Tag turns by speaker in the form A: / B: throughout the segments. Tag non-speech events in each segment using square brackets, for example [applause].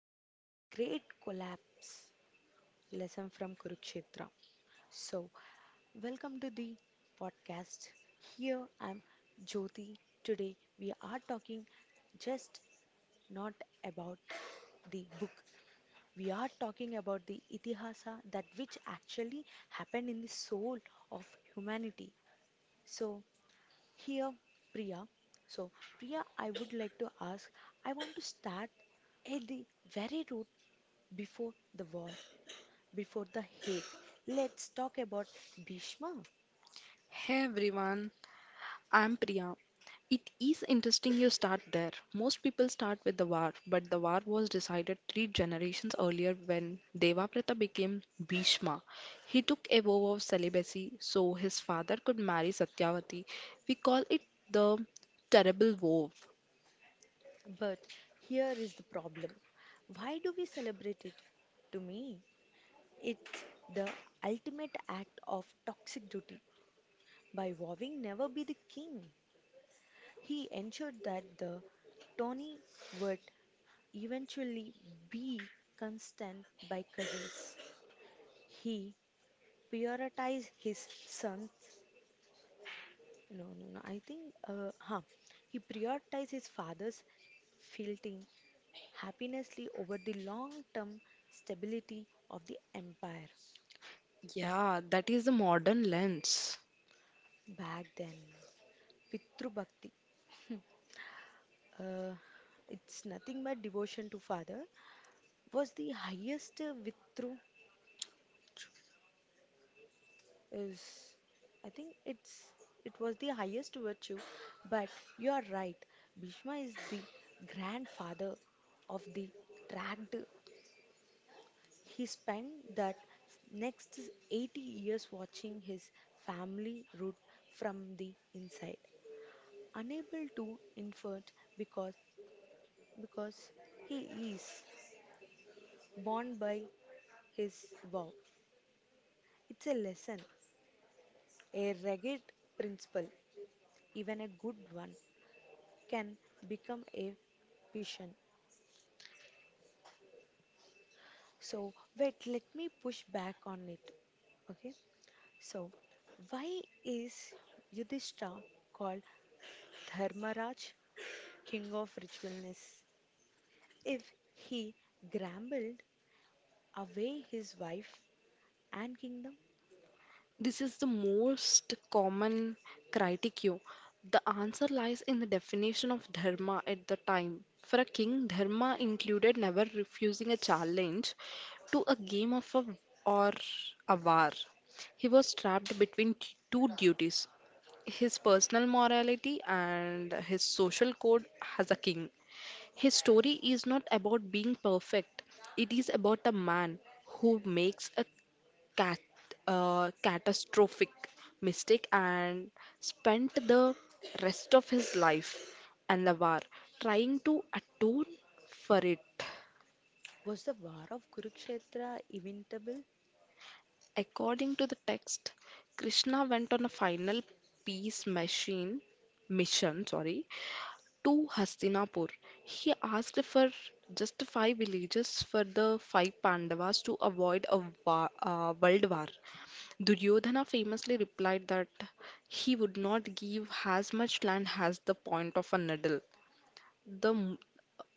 A: episode: The Great Collapse, lesson from Kurukshetra. So, welcome to the podcast. Here I'm Jyoti. Today we are talking just not about the book. We are talking about the Itihasa, that which actually happened in the soul of humanity. So, here Priya. So, Priya, I would like to ask, I want to start at the very root, before the war, before the hate. Let's talk about Bhishma.
B: Hey everyone, I'm Priya. It is interesting you start there. Most people start with the war, but the war was decided three generations earlier when Devabrata became Bhishma. He took a vow of celibacy so his father could marry Satyavati. We call it the terrible vow.
A: But here is the problem, why do we celebrate it? To me, it's the ultimate act of toxic duty. By vowing never be the king, he ensured that the Tony would eventually be constant by cousins. He prioritized his sons. No, no, no. He prioritized his father's fielding happinessly over the long-term stability of the empire.
B: Yeah, that is the modern lens.
A: Back then, Pitru Bhakti, uh, it's nothing but devotion to father, was the highest Vitru is, I think it's it was the highest virtue. But you are right, Bhishma is the grandfather of the tracked. He spent that next 80 years watching his family root from the inside, unable to influence because because he is bound by his vow. It's a lesson, a rugged principle, even a good one can become a vision. So wait, let me push back on it. Okay, so why is Yudhishthira called Dharmaraj? King of ritualness. If he grumbled away his wife and kingdom,
B: This is the most common critique. The answer lies in the definition of dharma at the time. For a king, dharma included never refusing a challenge to a game of a, or a war. He was trapped between two duties, his personal morality and his social code as a king. His story is not about being perfect, it is about a man who makes a cat, catastrophic mistake and spent the rest of his life and the war trying to atone for it.
A: was the war of Kurukshetra inevitable?
B: According to the text, Krishna went on a final peace machine mission, sorry, to Hastinapur. He asked for just five villages for the five Pandavas to avoid a world war. Duryodhana famously replied that he would not give as much land as the point of a needle. The, m-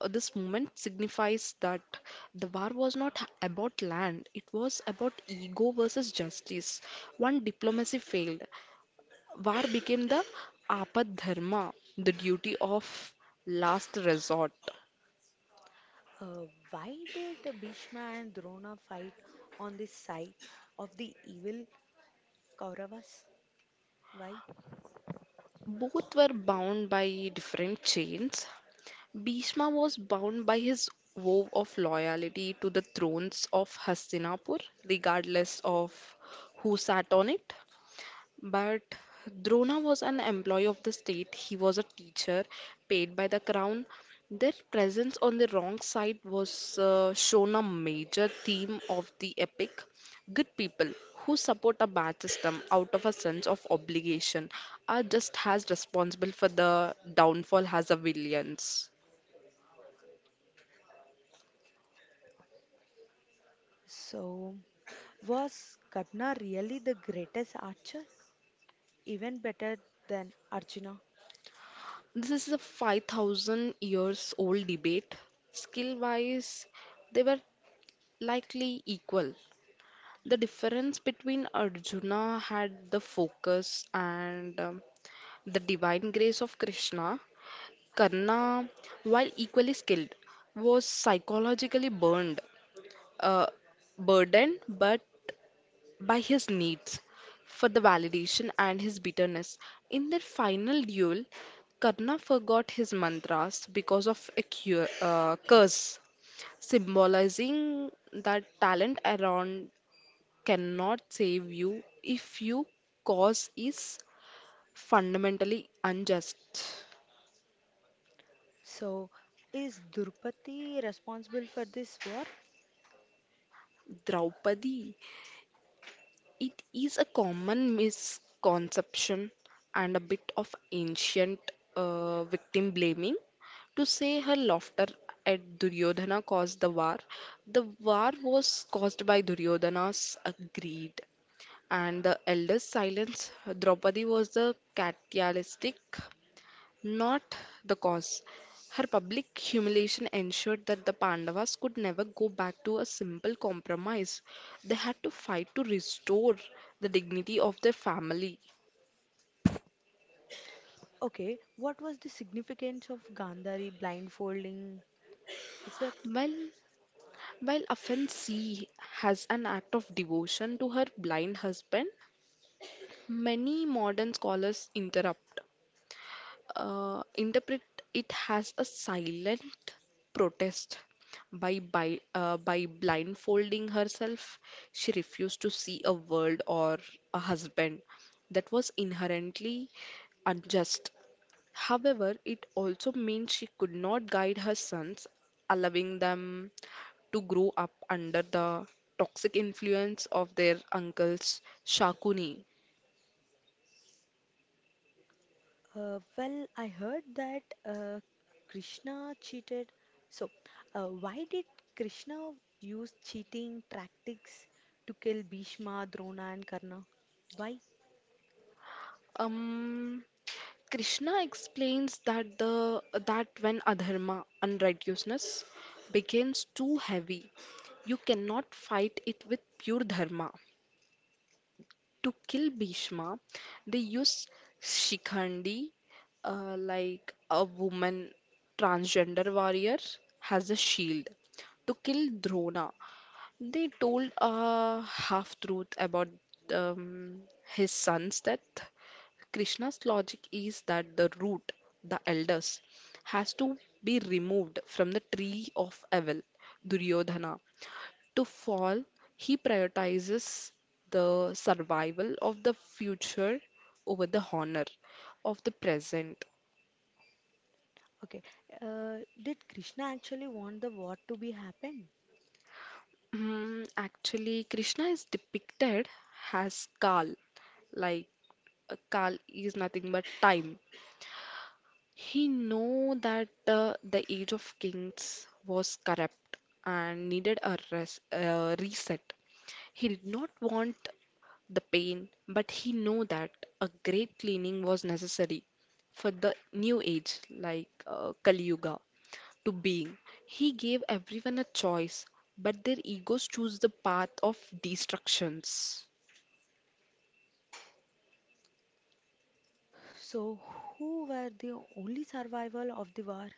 B: this moment signifies that the war was not about land, it was about ego versus justice. One diplomacy failed. War became the apad dharma, the duty of last resort.
A: Uh, why did Bhishma and Drona fight on the side of the evil Kauravas? Why?
B: Both were bound by different chains, Bhishma was bound by his vow of loyalty to the thrones of Hastinapur, regardless of who sat on it. But Drona was an employee of the state, he was a teacher paid by the crown. Their presence on the wrong side was shown a major theme of the epic. Good people who support a bad system out of a sense of obligation are just as responsible for the downfall as the villains.
A: So, was Karna really the greatest archer? Even better than Arjuna?
B: This is a 5,000 years old debate. Skill wise, they were likely equal. The difference between Arjuna had the focus and the divine grace of Krishna. Karna, while equally skilled, was uh, burdened but by his needs for the validation and his bitterness. In their final duel, Karna forgot his mantras because of a curse, symbolizing that talent around cannot save you if you cause is fundamentally unjust.
A: So, is Drupadi responsible for this war?
B: Draupadi, it is a common misconception and a bit of ancient victim blaming to say her laughter at Duryodhana caused the war. The war was caused by Duryodhana's greed. And the elder's silence, Draupadi was the catalytic, not the cause. Her public humiliation ensured that the Pandavas could never go back to a simple compromise. They had to fight to restore the dignity of their family.
A: Okay, what was the significance of Gandhari blindfolding? Is that,
B: While, while often seen as an act of devotion to her blind husband, many modern scholars interrupt. Interpret it as a silent protest. By blindfolding herself, she refused to see a world or a husband that was inherently unjust. However, it also means she could not guide her sons, allowing them to grow up under the toxic influence of their uncle's Shakuni.
A: well, I heard that uh, Krishna cheated. So, why did Krishna use cheating tactics to kill Bhishma, Drona, and Karna? Why?
B: Um, Krishna explains that when adharma, unrighteousness, becomes too heavy, you cannot fight it with pure dharma. To kill Bhishma, they use Shikhandi, like a woman transgender warrior, has a shield. To kill Drona, they told a half truth about um, his son's death. Krishna's logic is that the root, the elders, has to be removed from the tree of evil, Duryodhana. To fall, he prioritizes the survival of the future over the honor of the present.
A: Okay, did Krishna actually want the war to be happened?
B: Actually, Krishna is depicted as Kal, like Kal is nothing but time. He knew that the Age of Kings was corrupt and needed a reset. He did not want the pain, but he knew that a great cleaning was necessary for the new age, like Kali Yuga, to being. He gave everyone a choice, but their egos choose the path of destructions.
A: So, who were the only survival of the war?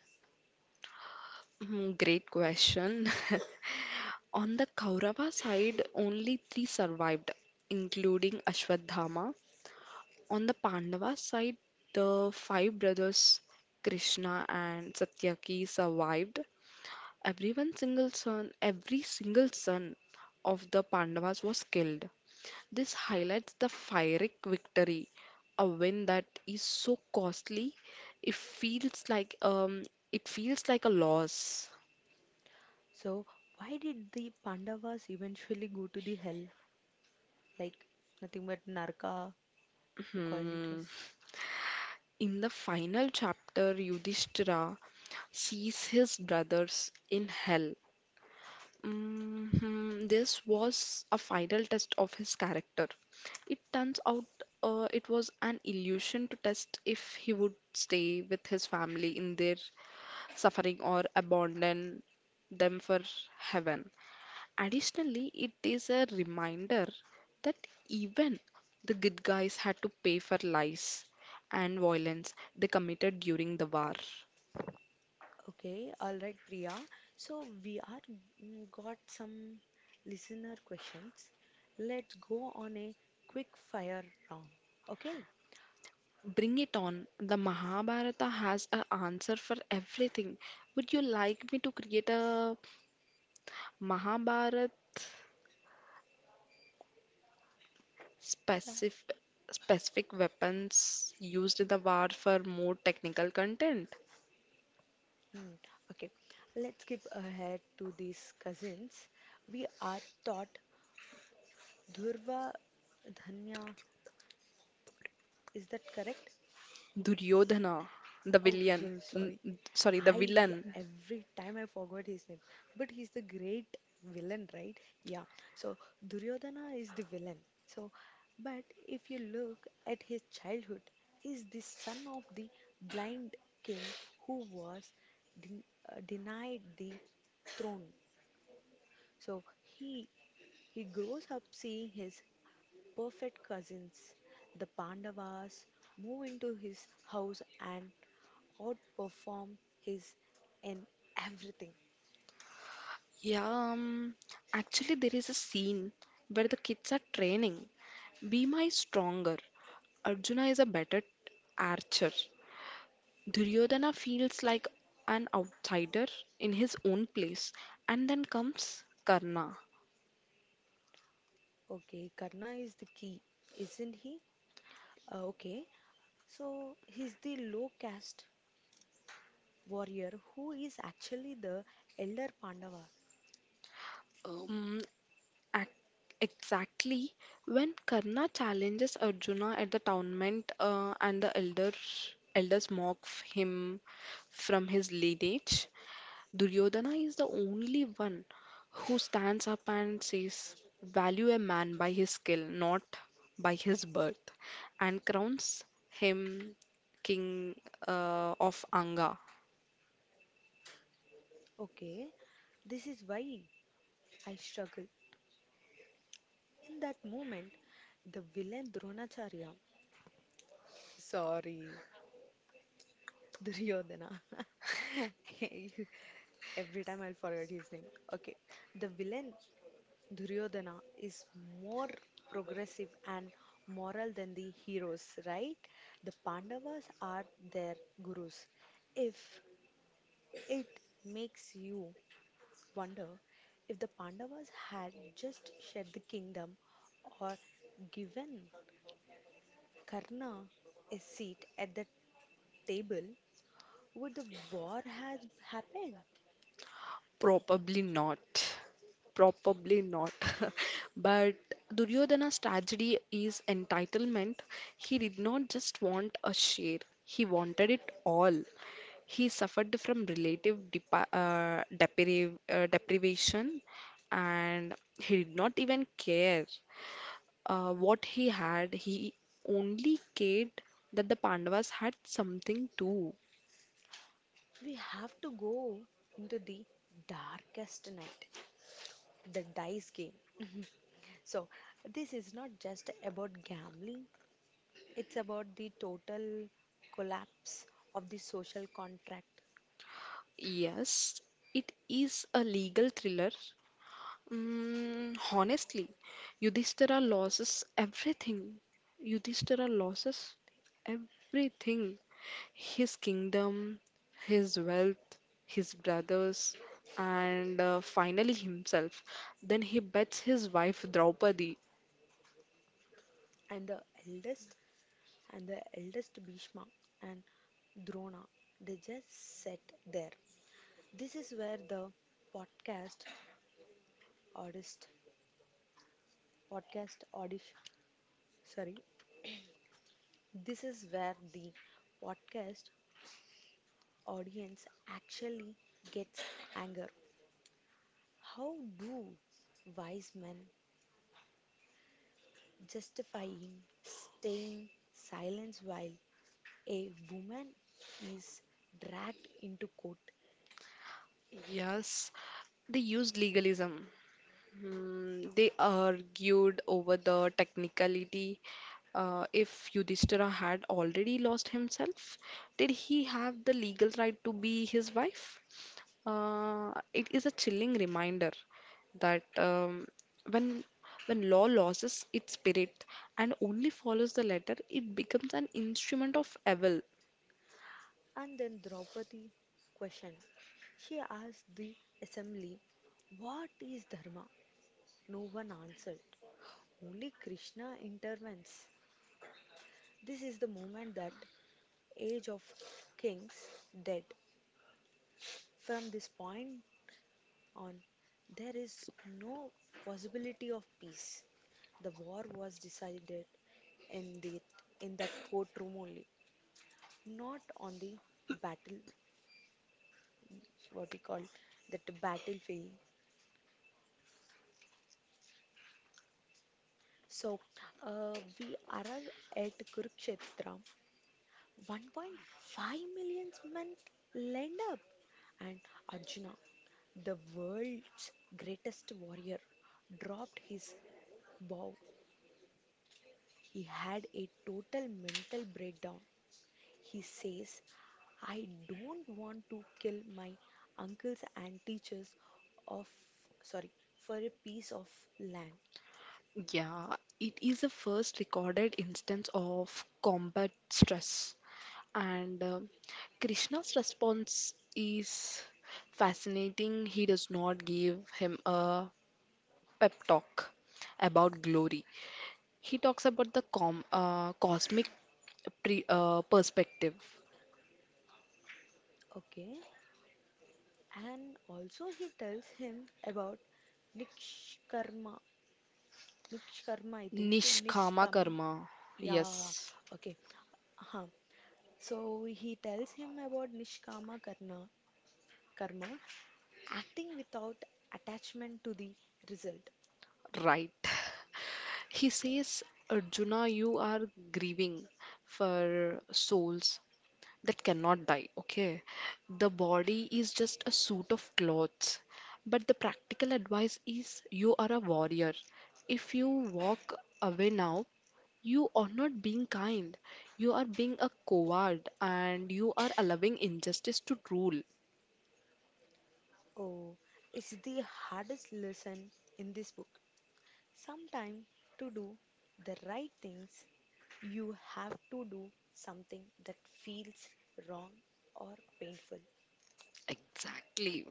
B: Hmm, great question. [laughs] On the Kaurava side, only three survived, including Ashwadhama. On the Pandava side, the five brothers Krishna and Satyaki survived. Every single son of the Pandavas was killed. This highlights the Pyrrhic victory, a win that is so costly, it feels like um, it feels like a loss.
A: So, why did the Pandavas eventually go to the hell? Like nothing but Narka, you called it as.
B: Hmm. In the final chapter, Yudhishthira sees his brothers in hell. Mhm. This was a final test of his character. It turns out it was an illusion to test if he would stay with his family in their suffering or abandon them for heaven. Additionally, it is a reminder that even the good guys had to pay for lies and violence they committed during the war.
A: Okay, all right, Priya. So we are got some listener questions. Let's go on a quick fire round. Okay,
B: Bring it on. The Mahabharata has an answer for everything. Would you like me to create a Mahabharata
A: yeah.
B: specific specific weapons used in the war for more technical content?
A: Mm, Okay, let's skip ahead to these cousins. We are taught Dhurva Dhanya. Is that correct?
B: Duryodhana, the
A: Oh, so
B: villain,
A: sorry.
B: sorry, the
A: I
B: villain.
A: every time I forgot his name, but he's the great villain, right? Yeah. So Duryodhana is the villain. So, but if you look at his childhood, he's the son of the blind king who was den- denied the throne. So he grows up seeing his perfect cousins, the Pandavas, move into his house and outperform his in everything.
B: Yeah, um, actually, there is a scene where the kids are training. Bhima is stronger, Arjuna is a better archer. Duryodhana feels like an outsider in his own place, and then comes Karna.
A: Okay, Karna is the key, isn't he? Okay, so he's the low caste warrior who is actually the elder Pandava.
B: Um, ac- exactly when Karna challenges Arjuna at the tournament, and the elders mock him from his lineage, Duryodhana is the only one who stands up and says, value a man by his skill, not by his birth, and crowns him king of Anga.
A: Okay, this is why I struggle. In that moment, the villain Dronacharya, sorry, Duryodhana. [laughs] Every time I'll forget his name. Okay, the villain Duryodhana is more progressive and moral than the heroes, right? The Pandavas are their gurus. If it makes you wonder if the Pandavas had just shared the kingdom or given Karna a seat at the table, would the war have happened?
B: Probably not. Probably not. [laughs] But Duryodhana's tragedy is entitlement. He did not just want a share, he wanted it all. He suffered from relative depa depriv deprivation and he did not even care what he had. He only cared that the Pandavas had something too.
A: We have to go into the darkest night, the dice game. So, this is not just about gambling, it's about the total collapse of the social contract.
B: Yes, it is a legal thriller. Mm, honestly, Yudhishthira loses everything. Yudhishthira loses everything: his kingdom, his wealth, his brothers, and finally himself. Then he bets his wife Draupadi.
A: And the eldest, and the eldest Bhishma and Drona, they just sat there. This is where the podcast artist, podcast audition, sorry, this is where the podcast audience actually gets anger. How do wise men justifying staying silent while a woman is dragged into court.
B: Yes, they used legalism. Hmm, they argued over the technicality. If Yudhishthira had already lost himself, did he have the legal right to be his wife? It is a chilling reminder that when when law loses its spirit and only follows the letter, it becomes an instrument of evil.
A: And then Draupadi questioned. She asked the assembly, What is Dharma? No one answered. Only Krishna intervenes. This is the moment that Age of Kings dead. From this point, on there is no possibility of peace. The war was decided in the in that courtroom only, not on the battle what we call that battlefield. So we arrive at Kurukshetra. 1.5 million men lined up, and Arjuna, the world's greatest warrior, dropped his bow. He had a total mental breakdown. He says, I don't want to kill my uncles and teachers of, sorry, for a piece of land.
B: Yeah, it is the first recorded instance of combat stress. And Krishna's response is fascinating. He does not give him a pep talk about glory. He talks about the com cosmic pre perspective,
A: Okay. And also, he tells him about Nishkarma. Nishkarma, I think.
B: nishkama
A: Nishkama.
B: karma. Yes,
A: Yeah. Okay. Uh-huh. So, he tells him about Nishkama Karma, acting without attachment to the result.
B: right. He says, Arjuna, you are grieving for souls that cannot die. Okay, the body is just a suit of clothes, but the practical advice is you are a warrior. If you walk away now, you are not being kind, you are being a coward, and you are allowing injustice to rule.
A: Oh, it's the hardest lesson in this book. Sometimes to do the right things, you have to do something that feels wrong or painful.
B: Exactly.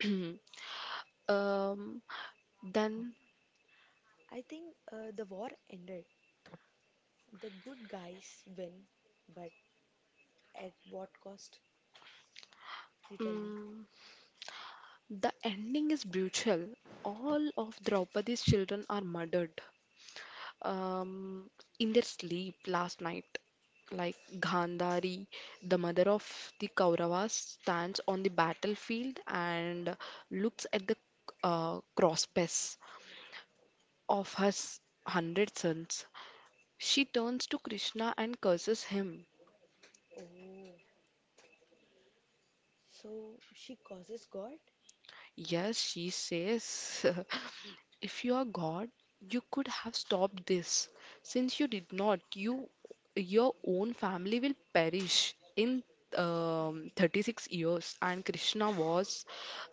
B: [clears throat] um then
A: I think The war ended. The good guys win, but at what cost? You tell me.
B: mm, the ending is brutal. All of Draupadi's children are murdered, um, in their sleep last night. Like Gandhari, the mother of the Kauravas, stands on the battlefield and looks at the crosspieces of her hundred sons. She turns to Krishna and curses him.
A: Oh, so she causes God?
B: Yes, she says, [laughs] if you are God, you could have stopped this. Since you did not, you your own family will perish in 36 years. And Krishna was,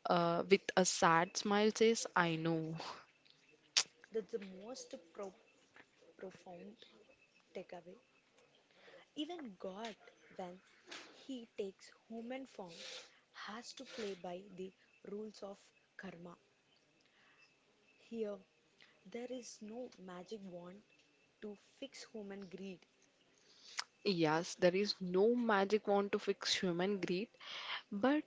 B: with a sad smile, says, I know.
A: That's the most profound takeaway. Even God, when he takes human form, has to play by the rules of karma. Here, there is no magic wand to fix human greed.
B: Yes, there is no magic wand to fix human greed, but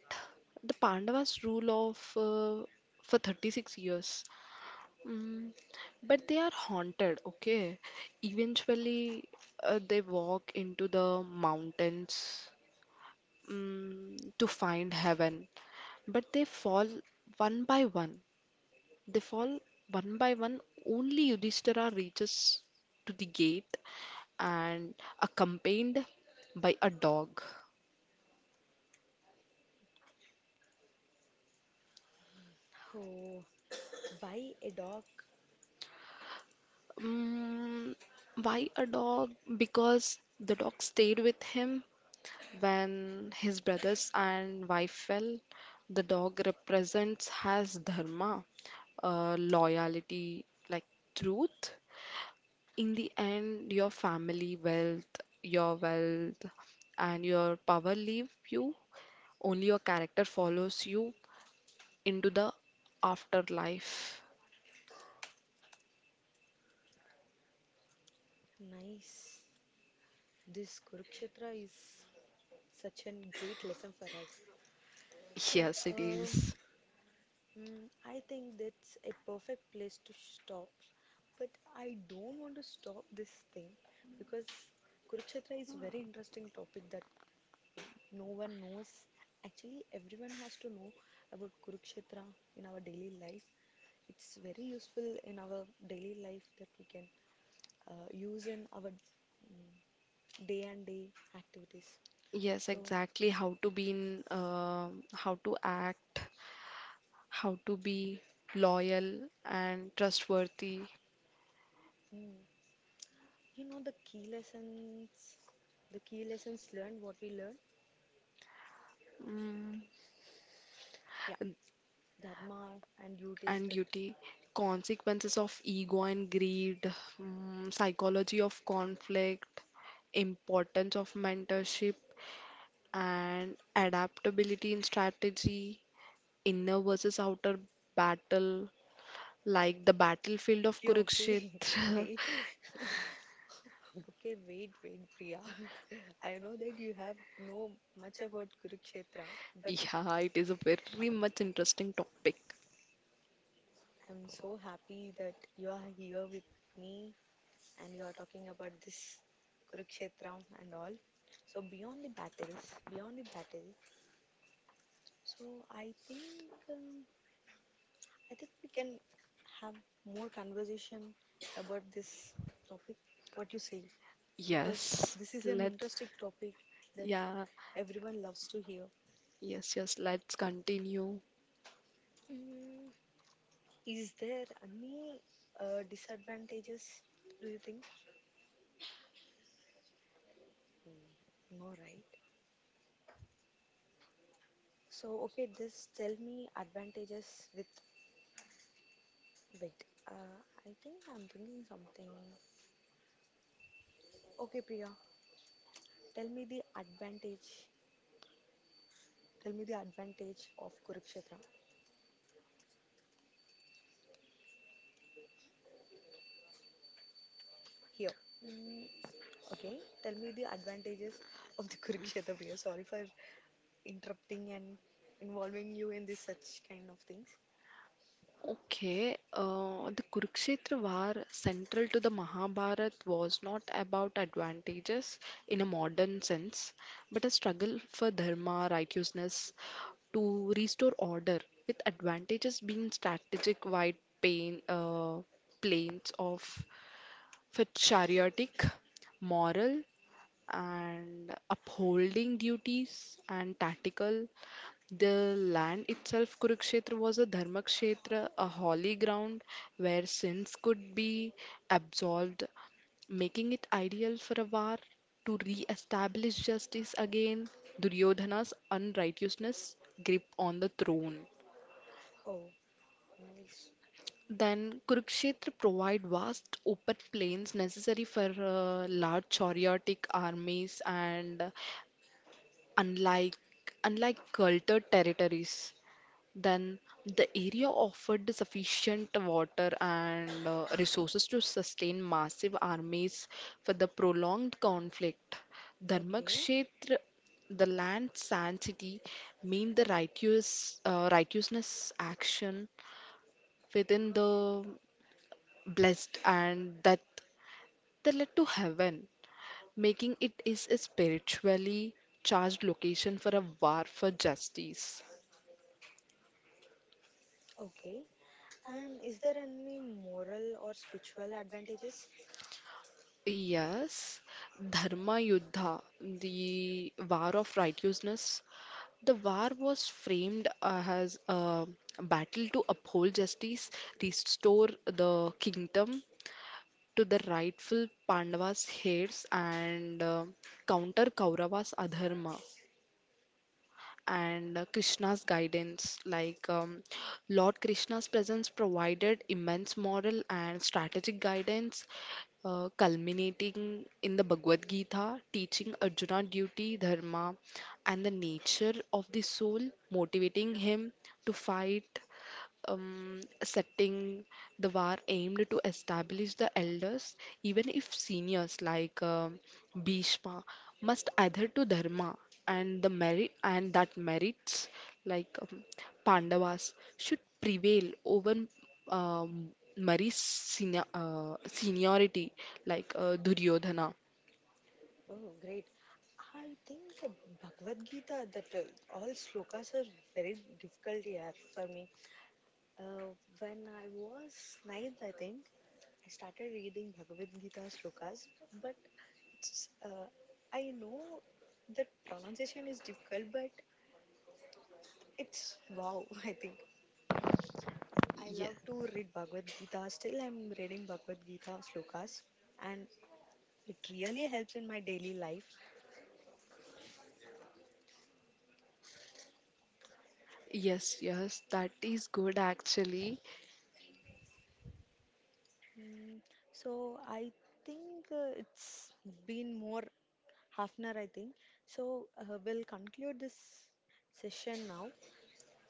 B: the Pandavas rule of for 36 years. Mm, but they are haunted, okay? Eventually, they walk into the mountains mm, to find heaven, but they fall one by one. They fall one by one. Only Yudhishthira reaches to the gate and accompanied by a dog.
A: Oh, why a dog?
B: Mm, why a dog? Because the dog stayed with him. When his brothers and wife fell, the dog represents his dharma, loyalty, like truth. In the end, your wealth, and your power leave you. Only your character follows you into the afterlife.
A: Nice. This Kurukshetra is such a great lesson for us. So,
B: Yes, it is.
A: I think that's a perfect place to stop. But I don't want to stop this thing because Kurukshetra is very interesting topic that no one knows. Actually, everyone has to know about Kurukshetra in our daily life. It's very useful in our daily life that we can use in our day and day activities.
B: Yes,
A: So,
B: exactly. How to act, how to be loyal and trustworthy.
A: mm, you know the key lessons learned, what we learned?
B: Mm,
A: Yeah, dharma and duties
B: and
A: that.
B: duty, consequences of ego and greed, mm, psychology of conflict, importance of mentorship, and adaptability in strategy, inner versus outer battle, like the battlefield of
A: Okay, okay, [laughs]
B: Kurukshetra. [laughs]
A: wait. Okay, wait, wait, Priya. [laughs] I know that you have know much about Kurukshetra, but
B: Yeah, it is a very much interesting topic.
A: I'm so happy that you are here with me and you are talking about this Kurukshetra and all. So beyond the battle, so I think um, I think we can have more conversation about this topic. What you say, because
B: Yes,
A: this is an
B: let's.
A: interesting topic that
B: Yeah,
A: everyone loves to hear.
B: yes, let's continue.
A: Is there any disadvantages, do you think? Mm, no, right? So, okay, this tell me advantages with wait. I think I'm thinking something. Okay, Priya, tell me the advantage. Tell me the advantage of Kurukshetra here. Mm, okay, tell me the advantages of the [laughs] Kurukshetra, Priya. Sorry for interrupting and involving you in this such kind of things.
B: Okay, the Kurukshetra War, central to the Mahabharat, was not about advantages in a modern sense, but a struggle for dharma, righteousness, to restore order, with advantages being strategic wide pain, uh, planes of for chariotic, moral, and upholding duties and tactical. The land itself, Kurukshetra, was a dharmakshetra, a holy ground where sins could be absolved, making it ideal for a war to re establish justice again, Duryodhana's unrighteousness grip on the throne.
A: Oh, nice.
B: Then Kurukshetra provide vast open plains necessary for large chariotic armies and unlike unlike cultured territories. Then the area offered sufficient water and resources to sustain massive armies for the prolonged conflict.
A: Okay.
B: Dharmakshetra, the land sanctity, mean the righteousness action within the blessed and that they led to heaven, making it is a spiritually charged location for a war for justice.
A: Okay. And is there any moral or spiritual advantages?
B: Yes, Dharma Yuddha, the War of Righteousness. The war was framed as a battle to uphold justice, restore the kingdom to the rightful Pandavas' heirs, and counter Kaurava's adharma and Krishna's guidance. Like Lord Krishna's presence provided immense moral and strategic guidance, culminating in the Bhagavad Gita, teaching Arjuna duty, dharma, and the nature of the soul, motivating him to fight. Setting the war aimed to establish the elders, even if seniors like Bhishma must adhere to dharma and the merit and that merits like Pandavas should prevail over um, Mari's seniority like Duryodhana.
A: Oh, great. I think the Bhagavad Gita, that all slokas are very difficult here for me. Uh, when I was ninth, I think, I started reading Bhagavad Gita slokas, but it's I know that pronunciation is difficult, but it's wow, [laughs] I think. I
B: Ye-
A: love to read Bhagavad Gita. Still, I'm reading Bhagavad Gita slokas, and it really helps in my daily life.
B: Yes, that is good actually.
A: Mm, so I think it's been more half an hour, I think. So we'll conclude this session now.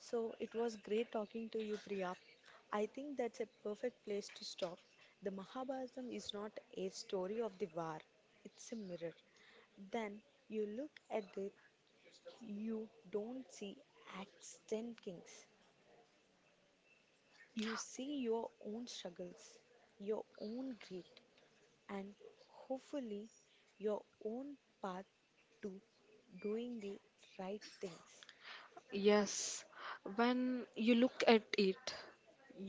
A: So it was great talking to you, Priya. I think that's a perfect place to stop. The Mahabharata is not a story of the war, it's a mirror. Then you look at it, you don't see extant kings. You see your own struggles, your own grit, and hopefully your own path to doing the right things.
B: Yes, when you look at it,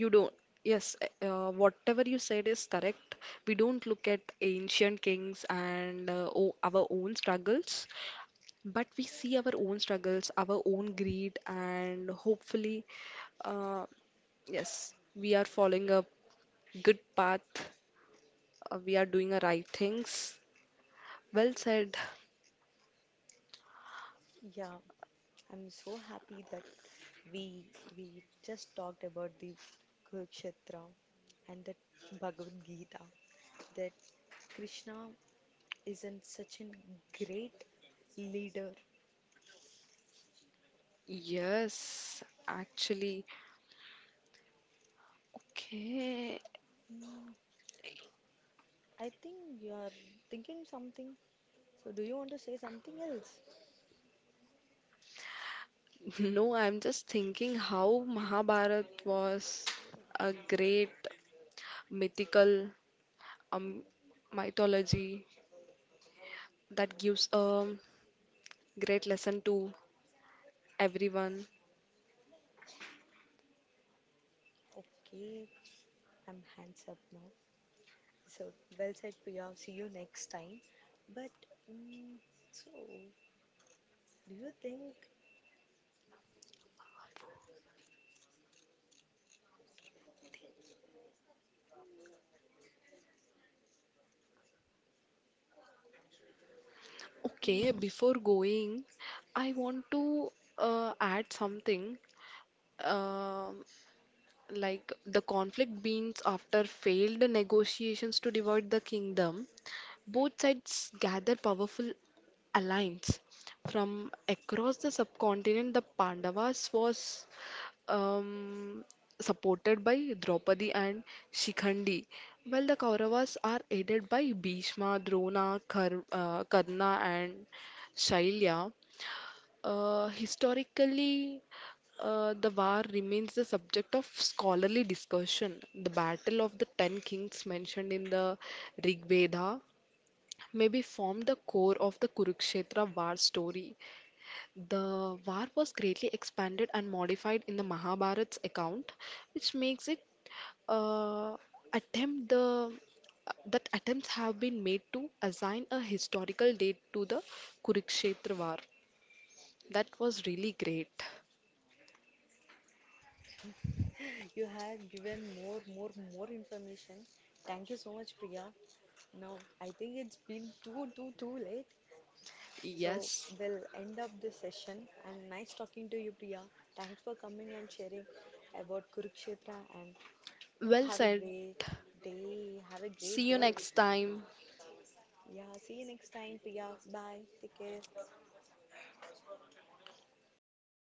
B: you don't. Yes, whatever you said is correct. We don't look at ancient kings and o our own struggles, but we see our own struggles, our own greed, and hopefully, uh, yes, we are following a good path. We are doing the right things. Well said.
A: Yeah, I'm so happy that we we just talked about the Kurukshetra and that Bhagavad Gita, that Krishna isn't such a great leader.
B: Yes, actually. Okay.
A: Mm, I think you're thinking something. So, do you want to say something else?
B: No, I'm just thinking how Mahabharat was a great mythical um, mythology that gives a great lesson to everyone.
A: Okay, I'm hands up now. So, well said, Priya. See you next time. But, mm so, do you think
B: Okay, before going, I want to add something. Um like the conflict begins after failed negotiations to divide the kingdom. Both sides gather powerful alliance from across the subcontinent. The Pandavas was um, supported by Draupadi and Shikhandi, while the Kauravas are aided by Bhishma, Drona, Karna and Shailya. Uh, historically, the war remains the subject of scholarly discussion. The Battle of the Ten Kings, mentioned in the Rig Veda, maybe formed the core of the Kurukshetra war story. The war was greatly expanded and modified in the Mahabharat's account, which makes it uh, attempt the that attempts have been made to assign a historical date to the Kurukshetra war. That was really great.
A: you have given more information? Thank you so much, Priya. Now, I think it's been too late. So,
B: Yes.
A: we'll end up this session. And nice talking to you, Priya. Thanks for coming and sharing about Kurukshetra. And
B: Well
A: have a
B: said.
A: great day. Have a great
B: See you
A: day.
B: next time.
A: Yeah, see you next time, Priya. Bye. Take care.